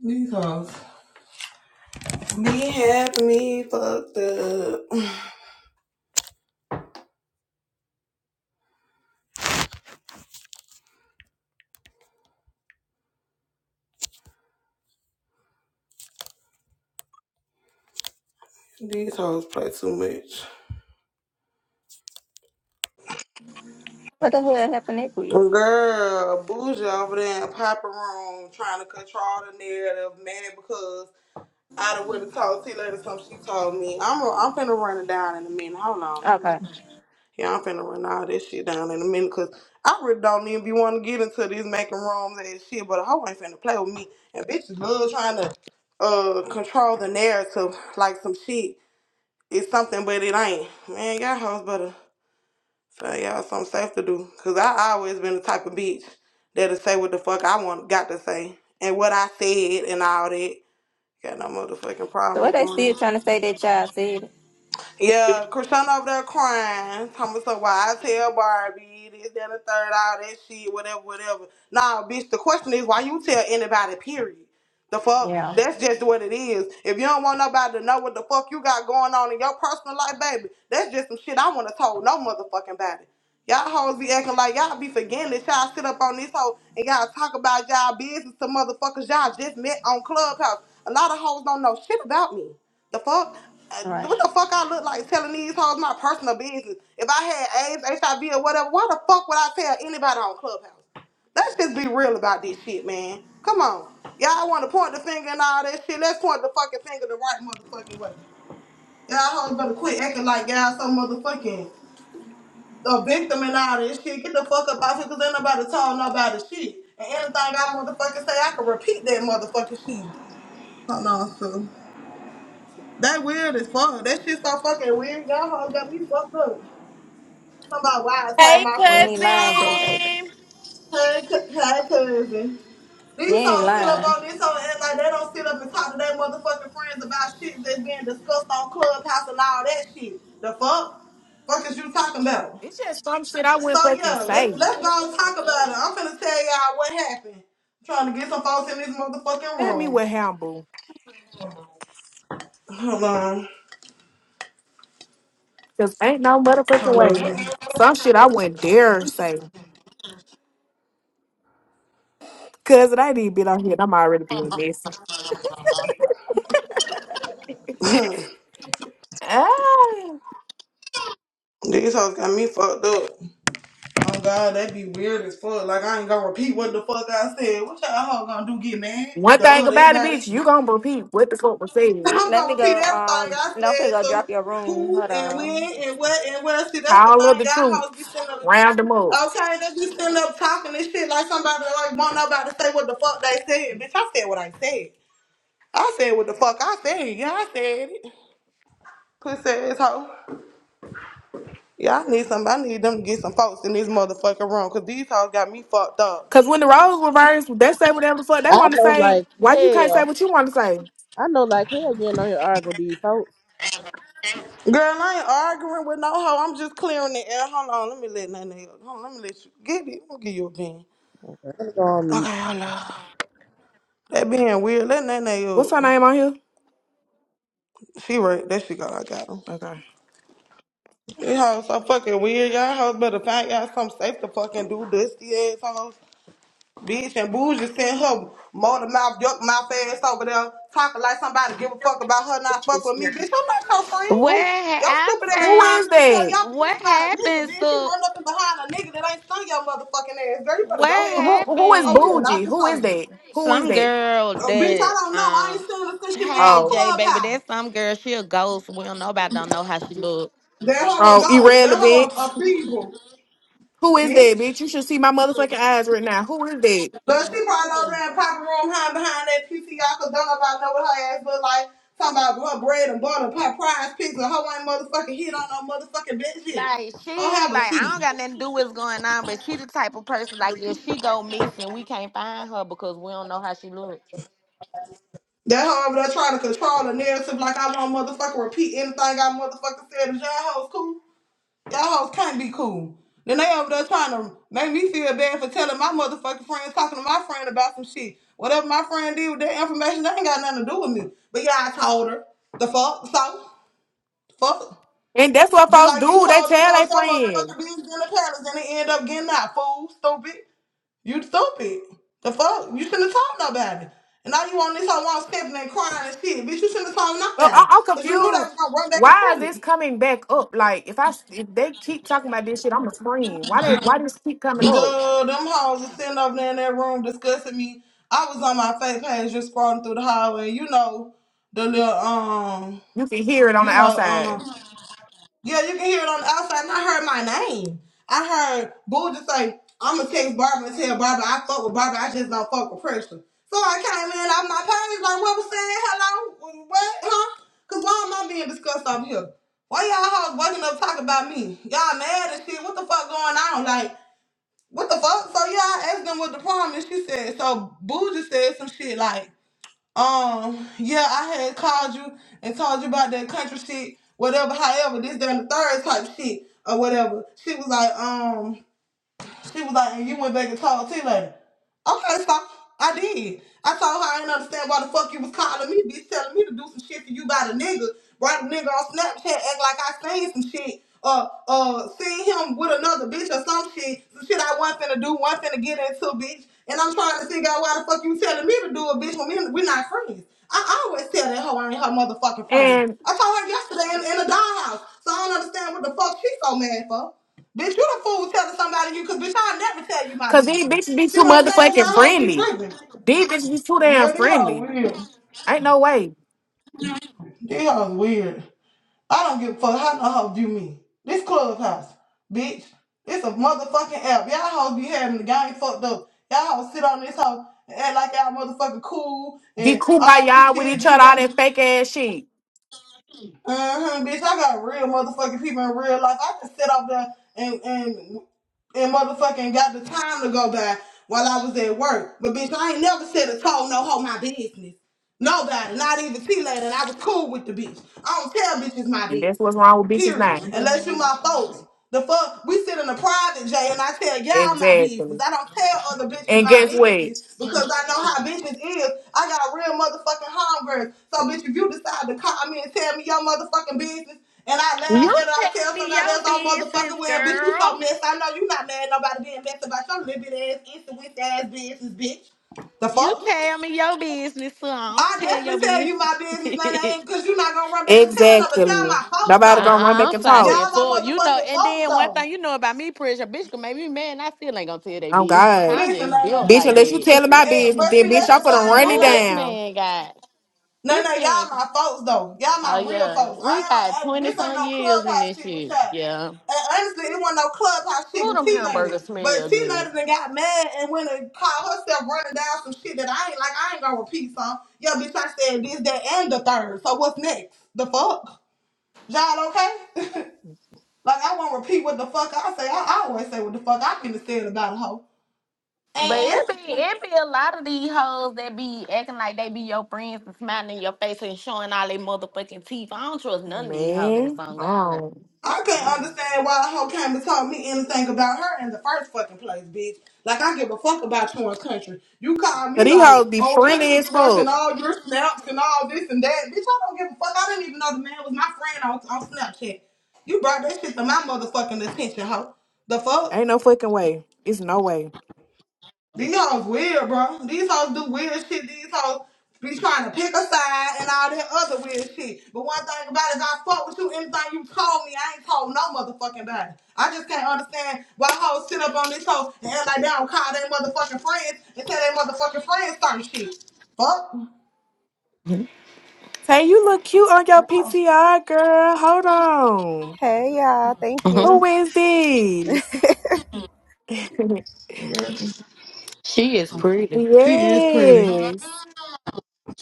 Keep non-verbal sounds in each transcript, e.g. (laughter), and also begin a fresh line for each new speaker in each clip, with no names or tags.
These hoes. they happy, me fucked up. These hoes play too much.
What the hell happened that quick?
Girl, bougie over there in Papa Room trying to control the narrative, mad because I done wouldn't talk to you later something she told me. I'm a, I'm finna run it down in a minute. Hold on. let
Okay.
me- Yeah, I'm finna run all this shit down in a minute because I really don't even be wanting to get into these making rooms and shit, but a hoe ain't finna play with me. And bitches love trying to uh control the narrative like some shit. It's something, but it ain't. Man, y'all hoes better find y'all something safe to do. Cause I always been the type of bitch that'll say what the fuck I want got to say. And what I said and all that. Got no motherfucking
So
problem
what
with
they
doing
still trying
it.
to say that child said it?
Yeah, Krishna over there crying. Talking so why I tell Barbie this, that, and the third, all that shit, whatever, whatever. Nah, bitch, the question is why you tell anybody, period. The fuck?
Yeah.
That's just what it is. If you don't want nobody to know what the fuck you got going on in your personal life, baby, that's just some shit I want to told no motherfucking body. Y'all hoes be acting like y'all be forgetting that y'all sit up on this hoe and y'all talk about y'all business to motherfuckers y'all just met on Clubhouse. A lot of hoes don't know shit about me. The fuck? Uh,
Right.
What the fuck I look like telling these hoes my personal business? If I had AIDS, HIV, or whatever, why the fuck would I tell anybody on Clubhouse? Let's just be real about this shit, man. Come on. Y'all want to point the finger and all that shit. Let's point the fucking finger the right motherfucking way. Y'all hoes better quit acting like y'all some motherfucking a victim and all this shit. Get the fuck up out here because ain't nobody told nobody shit. And anything I motherfucking say, I can repeat that motherfucking shit. Hold on, so That weird as fuck. That shit so fucking weird. Y'all hoes got me fucked up. Somebody why I told
Hey,
my
You
friend,
ain't
bitch,
lying,
y'all hoes.
JJ.
cousin.
Hey, c- hey, cousin.
You
These
ain't
hoes sit up
lying.
on this hoe and act like they don't sit up and talk to their motherfucking friends about shit that's being discussed on Clubhouse and all that shit. The fuck? Fuck is you talking about?
It's just some shit I
So
wouldn't fucking
yeah, let's
say.
let's go and talk about it. I'm finna tell y'all what happened. I'm trying to get some folks in this motherfucking
Tell me
room.
what humble.
Hold on.
Cause ain't no motherfucking
Hold
way.
on.
Some shit I wouldn't dare say. Cause it ain't even been on here. and I'm already being messy. Ah.
These hoes got me fucked up. Oh god, that be weird as fuck. Like I ain't gonna repeat what the fuck I said. What y'all hoes gonna do? Get mad?
One
Duh,
thing
that's
about it,
about it.
bitch, you gonna repeat what the fuck was
(laughs)
said.
I'm
Let me
gonna repeat
go.
everything
Um,
I
don't
said.
go
So
drop your room.
who
Hold
and
on.
when and what and where? See, that's the
Call up
thing.
the
Y'all hoes be
troops.
sitting up.
Round them up.
Okay, they be sitting up talking this shit like somebody like want nobody to say what the fuck they said. Bitch, I said what I said. I said what the fuck I said. Yeah, I said it. Pussy ass hoe. Yeah, I need some. I need them to get some folks in this motherfucking room because these hoes got me fucked up.
Cause when the roles were reversed, they say whatever the fuck they
I
want to
know
say.
like
Why you can't say
hell.
what you want to say?
I know like hell you ain't on here arguing with these folks.
Girl, I ain't arguing with no hoe. I'm just clearing the air. Hold on, let me let that nigga. Hold on, let me let you get it. I'm gonna give you a bean.
Let me go on mute.
Okay, hold on. That being weird, that nene
What's her
up.
name on here?
She right, that she got, I got him.
Okay.
This house so fucking weird. Y'all hoes better find y'all something safe to fucking do, dusty assholes. Bitch and bougie send her motor mouth, duck mouth ass over there talking like somebody give a fuck about her not fuck with me. Bitch, I'm not your friend.
What
Who,
Your
ha-
stupid ass
who
I
call
is
me to tell
that?
seen
y'all
what
bitch about a nigga,
happened,
bitch. You
so
run up and behind a nigga that ain't stung your motherfucking ass. Girl, you better go
what
ahead
Who
on.
who is
Oh,
happened?
we are not
bougie?
the
Who is
same.
that? Who is
Some
that?
girl
Oh, bitch, I
that
don't know. I
um
ain't seen her since she been
hey
on
Oh,
J baby,
Clubhouse.
that's some girl, she a ghost. We don't nobody don't know how she look.
That hoe a
oh,
ghost. That hoe a,
irrelevant.
a feeble,
Who is that,
bitch.
bitch? You should see my motherfucking eyes right now. Who is that?
But she probably over there in Papa Room hiding behind that PCR because don't nobody know what her ass look like. Talking about her bread and butter, her prize pizza. Her ain't motherfucking hit on no motherfucking bitch shit.
Like
Her
she
have a
like I
seat.
don't got nothing to do with what's going on, but she the type of person like if she go missing, we can't find her because we don't know how she look.
That hoe over there trying to control the narrative like I won't motherfucking repeat anything I motherfucking said to John Hoe's cool. Y'all hoes can't be cool. Then they over there trying to make me feel bad for telling my motherfucking friends, talking to my friend about some shit. Whatever my friend did with that information, that ain't got nothing to do with me. But yeah, I told her. The fuck? So? Fuck.
And that's what
Just
folks
like you
do. They
told them
tell
folks
their
your
friends.
motherfucking business in the palace and they end up getting out, fool. Stupid. You stupid. The fuck? You shouldn't have told nobody. And now you on this whole wall stepping and crying and shit. Bitch, you shouldn't have told
Well, I,
nobody.
I'm
Because you knew that
confused.
was going to run back and
Why is
tell it.
this coming back up? Like, if I if they keep talking about this shit, I'm gonna scream. Why they why this keep coming up?
Girl, them hoes was sitting over there in that room discussing me. I was on my fake page just scrolling through the hallway. You know, the little, um,
You can hear it on the
you know, um,
outside.
yeah, you can hear it on the outside. And I heard my name. I heard Boo just say, I'm going to text Barbara and tell Barbara I fuck with Barbara. I just don't fuck with pressure. So I came in off my page like, what was saying? Hello? What? Huh? Because why am I being discussed over here? Why y'all hoes waking up talking about me? Y'all mad and shit. What the fuck going on? Like, what the fuck? So yeah, I asked them what the problem is. She said, so Boo just said some shit like, um, yeah, I had called you and told you about that country shit, whatever, however, this, that, and the third type shit or whatever. She was like, um, she was like, and you went back and told T later. Okay, so I did. I told her I didn't understand why the fuck you was calling me, bitch, telling me to do some shit for you by the nigga. Brought a nigga on Snapchat, act like I seen some shit. Uh, uh, seen him with another bitch or some shit. Some shit I wasn't finna do, wasn't finna get into, bitch. And I'm trying to figure out why the fuck you telling me to do it, bitch, when we, we not friends. I always tell that hoe I ain't her motherfucking friend.
And
I told her yesterday in, in the dollhouse. So I don't understand what the fuck she so mad for? Bitch, you the fool telling somebody you, cause bitch, I'll never tell you my
cause
business.
these bitches be
See
too
what I'm saying? Y'all
motherfucking
hoes be
friendly.
tripping.
These bitches be too damn
Girl, these hoes
friendly.
weird.
Ain't no way.
These hoes weird. I don't give a fuck how no hoes view me. This clubhouse, bitch. It's a motherfucking app. Y'all hoes be having the game fucked up. Y'all hoes sit on this hoe and act like y'all motherfucking cool
Be
and all this
kumbaya with
shit.
each
This,
other, all
that.
that fake ass shit.
Uh-huh, bitch. I got real motherfucking people in real life. I can sit up there and, and and motherfucking got the time to go by while I was at work. But bitch, I ain't never said a told no hoe my business. Nobody, not even T Lady, and I was cool with the bitch. I don't tell bitches my
And that's
business.
what's wrong with bitches
Period.
now.
Unless you my folks. The fuck, we sit in a private J and I tell y'all my business.
Exactly.
I don't tell other bitches
And
my
guess what?
business because I know how business is. I got real motherfucking homegirls. So bitch, if you decide to call me and tell me your motherfucking business, and I laugh
You
and I
tell
tell
me
somebody
your
else, oh motherfucking
business,
well, bitch, you so
girl.
messed. I know you not mad nobody being messed about your little bit ass, insolent ass business, bitch. The
You
fuck?
tell me your business, so I don't
I
tell your
definitely tell
business.
you my business, none of
(laughs)
it, cause you're not gonna run back and tell no, but y'all
Exactly.
my folks
Nobody
though.
gonna run
Uh-uh,
back
I'm
and talk.
solid.
Y'all
Full,
my
you know,
motherfucking
and
folks
then one
though.
thing you know about me, pressure, bitch can make me mad, and I still ain't gonna tell they
Oh
bitch. (laughs)
God.
I'm
Listen,
just built
Bitch,
like
man.
unless you
that.
telling my
Hey,
business,
but
then
see,
bitch,
that's
I'm
the
gonna
(laughs)
thing,
run
man.
Ooh,
it
this
like,
down.
man got
No,
this
no, y'all
thing.
my folks though. Y'all
Oh
my real
yeah.
folks.
We got
I ain't, I, this
20
ain't
some
no
years in
clubhouse
this
shit with
shit.
y'all.
Yeah.
And honestly, it wasn't no clubhouse shit
Ooh,
with
them
T Lady.
hamburgers
But
smell
T
good.
Lady done got mad and went and caught herself running down some shit that I ain't like. I ain't gonna repeat some. Yo, bitch, I said this, that, and the third. So what's next? The fuck? Y'all okay? (laughs) like I won't repeat what the fuck I say. I, I always say what the fuck I can have said about a hoe.
But it
and.
be it be a lot of these hoes that be acting like they be your friends and smiling in your face and showing all their motherfucking teeth. I don't trust none of these hoes
Man,
on God.
um.
I couldn't understand why a hoe came and told me anything about her in the first fucking place, bitch. Like I give a fuck about you in country. You call
But
me
these
like,
hoes be
oh country,
friendly as
you watching
fuck.
all your snaps and all this and that. Bitch, I don't give a fuck. I didn't even know the man was my friend on, on Snapchat. You brought that shit to my motherfucking attention, hoe. The fuck?
Ain't no fucking way. It's no way.
These hoes weird, bro. These hoes do weird shit. These hoes be trying to pick a side and all that other weird shit. But one thing about it is I fuck with you. Anything you told me, I ain't told no motherfucking body. I just can't understand why hoes sit up on this hoe and act like they don't call their motherfucking friends and tell their motherfucking friends certain shit. Fuck.
Tay, you look cute on your PTR, girl. Hold on.
Hey y'all, thank you.
Who is this?
Yeah.
(laughs) she is
(laughs)
pretty.
She is pretty.
yes.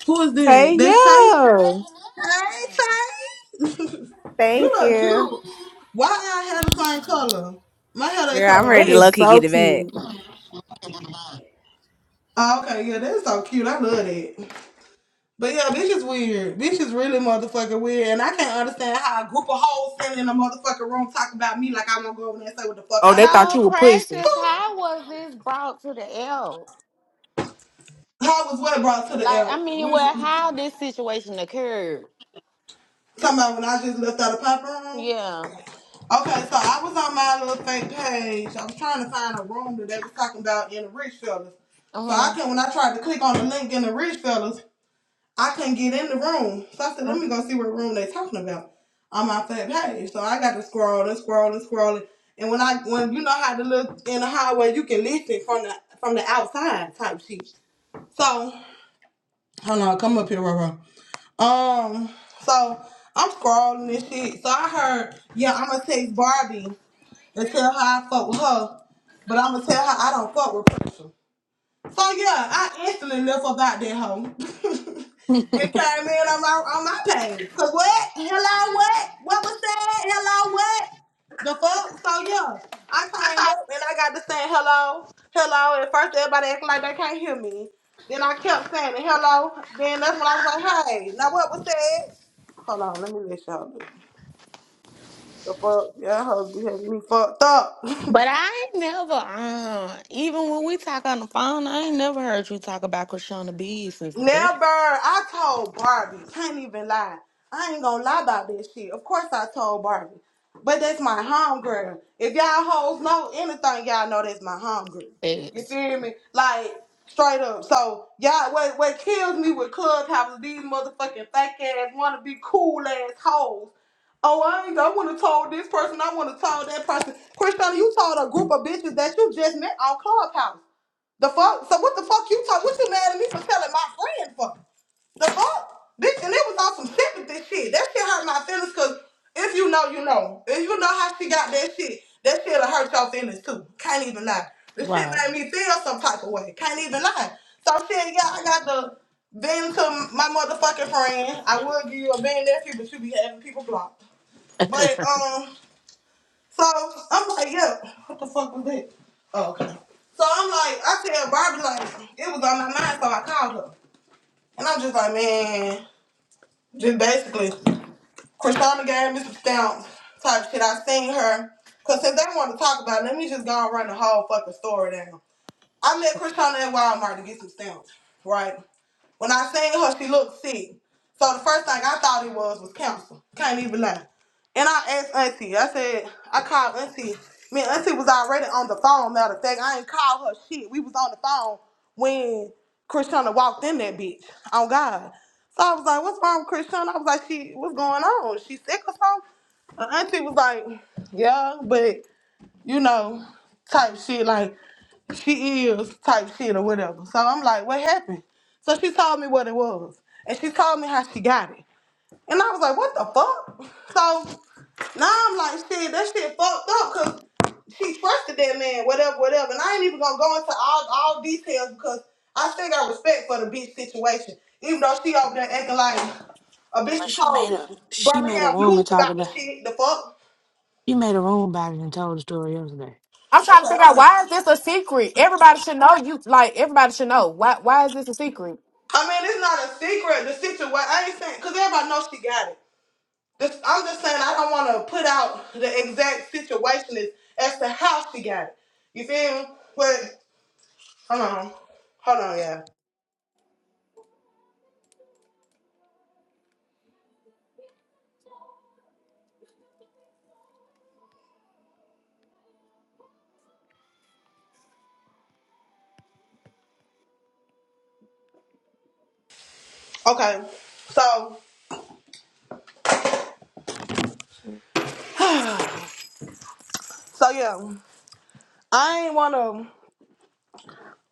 Who is this?
Hey,
That's Tay?
yo.
Hey, Tay. (laughs) you
Thank
look
you.
cute. Why I hair the same color? My hair ain't
Girl, I'm
color right
That
ready to low
now.
is
key
so
get it back.
cute.
Oh, okay, yeah, that's so cute. I love that. But yeah, bitch is weird. Bitch is really motherfucking weird. And I can't understand how a group of hoes sitting in a motherfucking room talking about me like I'm gonna go over there and say what the fuck
Oh,
I
they thought
said.
So
you were pussy.
precious, how was this brought to the L?
How was what brought to the
Like, I
L?
mean,
When,
well, how
talking
this situation occurred?
about when I just left out of Popeye?
Yeah.
Okay, so I was on my little fake page. I was trying to find a room that they was talking about in the rich fellas. So I
Uh-huh.
can when I tried to click on the link in the rich fellas, I couldn't get in the room. So I said, let me go see what room they talking about on my fat page. So I got to scroll and scroll and scroll. And when I when you know how to look in the highway, you can listen from the from the outside type shit. So hold on, come up here, Roro. Um, so I'm scrolling and shit. So I heard, yeah, I'ma text Barbie and tell her I fuck with her, but I'ma tell her I don't fuck with her. So yeah, I instantly left about that home. (laughs) It came in on my on my page. Cause what? Hello what? What was that? Hello what? The fuck? So yeah. I came up and I got to saying hello, hello. At first everybody acting like they can't hear me. Then I kept saying it, hello. Then that's when I was like, hey, now what was that? Hold on, let me let y'all look. The fuck? Y'all hoes be having me fucked up. (laughs)
But I ain't never, uh, even when we talk on the phone, I ain't never heard you talk about Krishna B since this
Never. I told Barbie. Can't even lie. I ain't gonna lie about this shit. Of course I told Barbie. But that's my homegirl. If y'all hoes know anything, y'all know that's my homegirl. You
fest.
feel me? Like, straight up. So, y'all, what, what kills me with Clubhouse is these motherfucking fake ass, wanna be cool ass hoes. Oh, I ain't, I wanna told this person, I wanna told that person. Christiana, you told a group of bitches that you just met on Clubhouse. The fuck? So what the fuck you talk? What you mad at me for telling my friend for? The fuck? Bitch, and it was on some sympathy shit. That shit hurt my feelings because if you know, you know. If you know how she got that shit, that shit'll hurt your feelings too. Can't even lie. The shit
Right.
made me feel some type of way. Can't even lie. So shit, yeah, I got the bend to my motherfucking friend. I would give you a bend nephew, but you be having people blocked. But um so I'm like, yeah, what the fuck was that? Oh, okay. So I'm like, I tell Barbie like it was on my mind, so I called her, and I'm just like, man, just basically, Krishana gave me some stamps type shit. I seen her, cause since they want to talk about, it, let me just go and run the whole fucking story down. I met Krishana at Walmart to get some stamps, right? When I seen her, she looked sick. So the first thing I thought it was was cancer. Can't even lie. And I asked Auntie, I said, I called Auntie. Me and Auntie was already on the phone, matter of fact. I ain't called her shit. We was on the phone when Krishana walked in that bitch. Oh God. So I was like, what's wrong with Krishana? I was like, she what's going on? She sick or something? And Auntie was like, yeah, but you know, type shit like she is type shit or whatever. So I'm like, what happened? So she told me what it was. And she told me how she got it. And I was like, what the fuck? So now I'm like, shit, that shit fucked up because she trusted that man, whatever, whatever. And I ain't even gonna go into all all details because I still got respect for the bitch situation. Even though she over there acting like a bitch
But
that
she made
told
a she made a
Birmingham
room
news
and talked
about the
about
shit, the fuck.
she made a room about it and told the story yesterday.
I'm
Okay,
trying to figure out
uh-uh.
why is this a secret? Everybody should know you. Like, everybody should know. Why Why is this a secret?
I mean, it's not a secret. The situation, I ain't saying, because everybody knows she got it. This, I'm just saying, I don't want to put out the exact situation as as to how she got it. You feel me? But, hold on. Hold on, yeah. Okay. So, so yeah, I ain't want to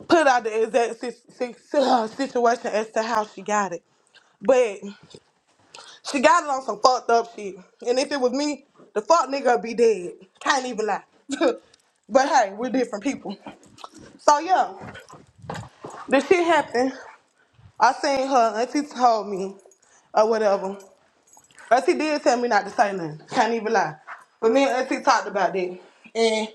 put out the exact si- si- si- uh, situation as to how she got it. But she got it on some fucked up shit. And if it was me, the fuck nigga would be dead. Can't even lie. (laughs) but hey, we're different people. So yeah, the shit happened. I seen her. Auntie told me, or whatever. Auntie did tell me not to say nothing. Can't even lie. But me and Auntie talked about that, and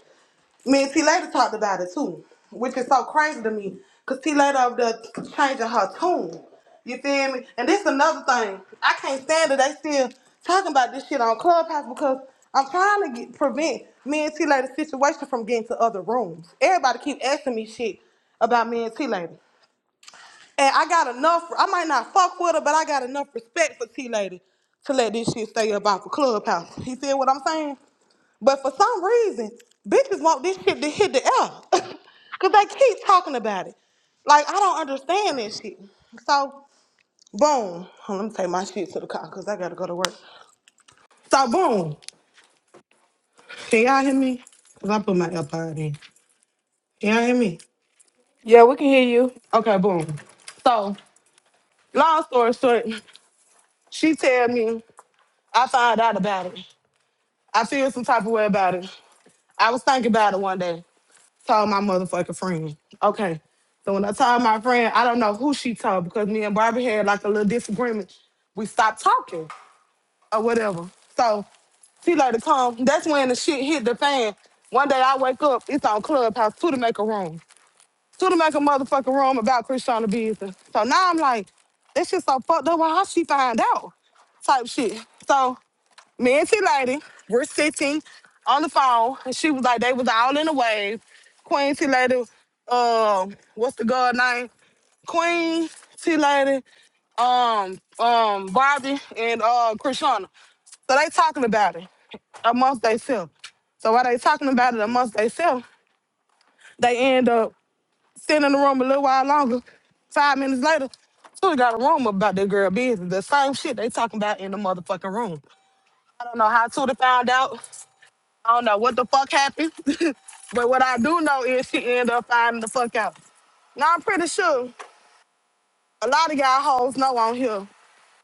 me and T later talked about it too, which is so crazy to me, cause T later over there changing her tune. You feel me? And this another thing. I can't stand that they still talking about this shit on Clubhouse because I'm trying to get, prevent me and T later situation from getting to other rooms. Everybody keep asking me shit about me and T later. And I got enough. I might not fuck with her, but I got enough respect for T Lady to let this shit stay up off the clubhouse. You see what I'm saying? But for some reason, bitches want this shit to hit the air. (laughs) Cause they keep talking about it. Like I don't understand this shit. So boom. Hold on, let me take my shit to the car because I gotta go to work. So boom. Can y'all hear me? Cause I put my AirPod in. Can y'all hear me?
Yeah, we can hear you.
Okay, boom. So long story short, she tell me. I found out about it. I feel some type of way about it. I was thinking about it one day. Told my motherfucking friend. Okay. So when I told my friend, I don't know who she told because me and Barbie had like a little disagreement. We stopped talking or whatever. So she later come. That's when the shit hit the fan. One day I wake up, it's on Clubhouse, two to make a room. Two to make a motherfucking room about Christiana business. So now I'm like, that shit so fucked up. Well, how she find out? Type shit. So me and T Lady were sitting on the phone, and she was like, they was all in a wave. Queen T Lady, um, what's the girl name? Queen T Lady, um, um, Barbie and uh, Krishana. So they talking about it amongst themselves. So while they talking about it amongst themselves, they end up sitting in the room a little while longer. Five minutes later, Tootie got a room about that girl business. The same shit they talking about in the motherfucking room. I don't know how Tootie found out. I don't know what the fuck happened, (laughs) but what I do know is she ended up finding the fuck out. Now I'm pretty sure a lot of y'all hoes know on here.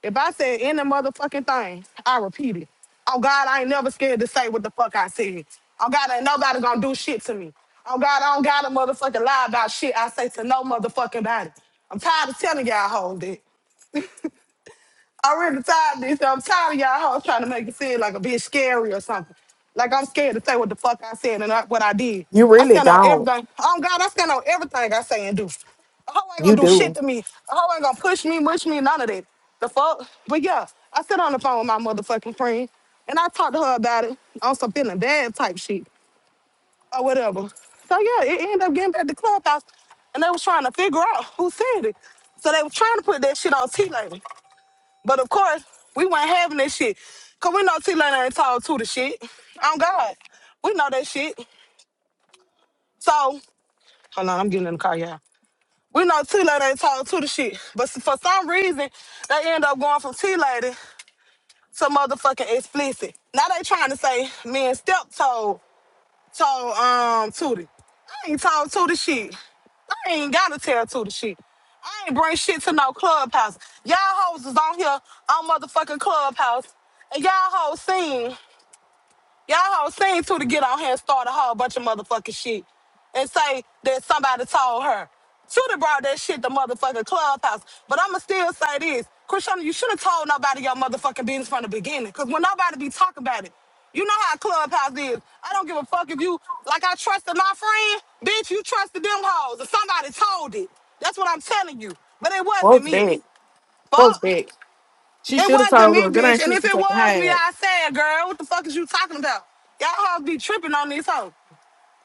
If I said any motherfucking thing, I repeat it. Oh God, I ain't never scared to say what the fuck I said. Oh God, ain't nobody gonna do shit to me. Oh God, I don't gotta motherfucking lie about shit I say to no motherfucking body. I'm tired of telling y'all hoes that. I really tired of this. I'm tired of y'all hoes trying to make it seem like a bitch scary or something. Like I'm scared to say what the fuck I said and not what I did.
You
I
really
stand on
don't.
everything. Oh God, I stand on everything I say and do. A hoe ain't
You
gonna do
do.
shit to me. A hoe ain't gonna push me, mush me, none of that. The fuck? But yeah, I sit on the phone with my motherfucking friend and I talked to her about it on some feeling bad type shit or whatever. So yeah, it ended up getting back to clubhouse and they was trying to figure out who said it. So they was trying to put that shit on T-Lady. But of course, we weren't having that shit. Cause we know T Lane ain't tall to the shit. On God. We know that shit. So, hold on, I'm getting in the car, y'all. We know T Lane ain't tall to the shit. But s- for some reason, they end up going from T Lady to motherfucking explicit. Now they trying to say me and Step told. told um Tootie. I ain't told Tootie shit. I ain't gotta tell Tootie shit. I ain't bring shit to no clubhouse. Y'all hoes is on here on motherfucking clubhouse, and y'all hoes seen. Y'all hoes seen to to get on here and start a whole bunch of motherfucking shit and say that somebody told her. Tuda brought that shit to motherfucking clubhouse. But I'ma still say this. Krishana, you should have told nobody your motherfucking business from the beginning. Cause when nobody be talking about it, you know how clubhouse is. I don't give a fuck if you like I trusted my friend, bitch, you trusted them hoes. And somebody told it. That's what I'm telling you. But it wasn't
Folks
me.
back. Folks
Fuck.
back. She
It
should have
wasn't
told
me,
her. Good
bitch.
ain't
And
she
if
should
it
take a
was me,
hide.
I said, girl, what the fuck is you talking about? Y'all hoes be tripping on these hoes.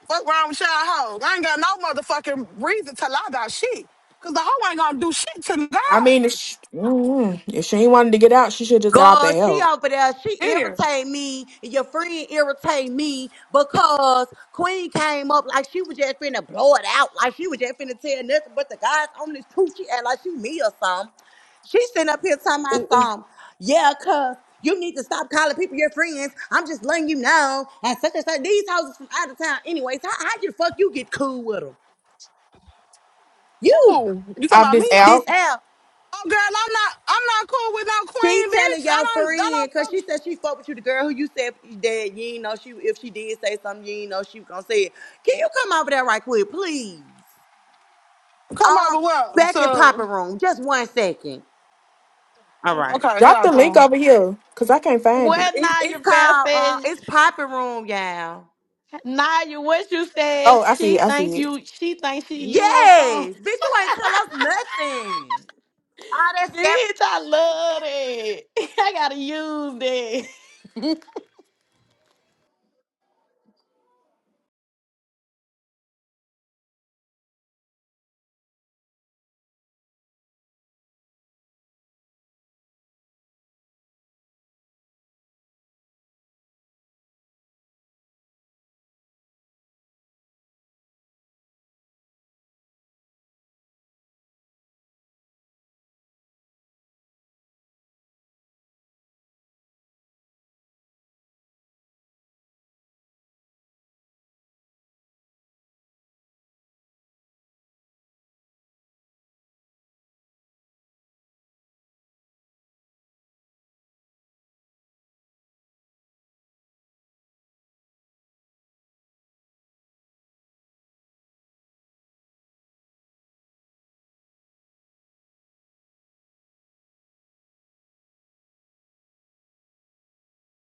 Fuck wrong with y'all hoes? I ain't got no motherfucking reason to lie about shit. Cause the hoe ain't gonna do shit to
I
God.
mean, if she, mm, if she ain't wanted to get out, she should just got out
God,
the
she
out.
over there, she
Here.
irritate me, and your friend irritate me because Queen came up like she was just finna blow it out, like she was just finna tell nothing but the guys on this truth. She act like she me or something. She sitting up here talking about something. Yeah, cuz you need to stop calling people your friends. I'm just letting you know. And such and such. These houses from out of town anyway. So how, how the fuck you get cool with them? You,
Oh, you talking
Off
about
this
me?
this
out.
L.
Oh girl, I'm not I'm not cool with no
She
queen,
telling
bitch.
your
I don't I
friend because
don't
she said she fucked with you, the girl who you said that you ain't know she if she did say something, you ain't know she was gonna say it. Can you come over there right quick, please?
fuck come
Um,
over well.
back in Poppy
So
Room, just one second. All right.
okay,
Drop
y'all
the link
come.
over here, cause I can't find it.
What
It,
Naya
it's
Fair
called uh,
said,
it's Poppy Room, y'all.
Naya, what you said,
Oh, I see
she
it. I
think
see it.
you, she think she you a song.
Yes, bitch, you ain't tell us nothing. All that
Bitch, I love it. (laughs) I gotta use that. (laughs)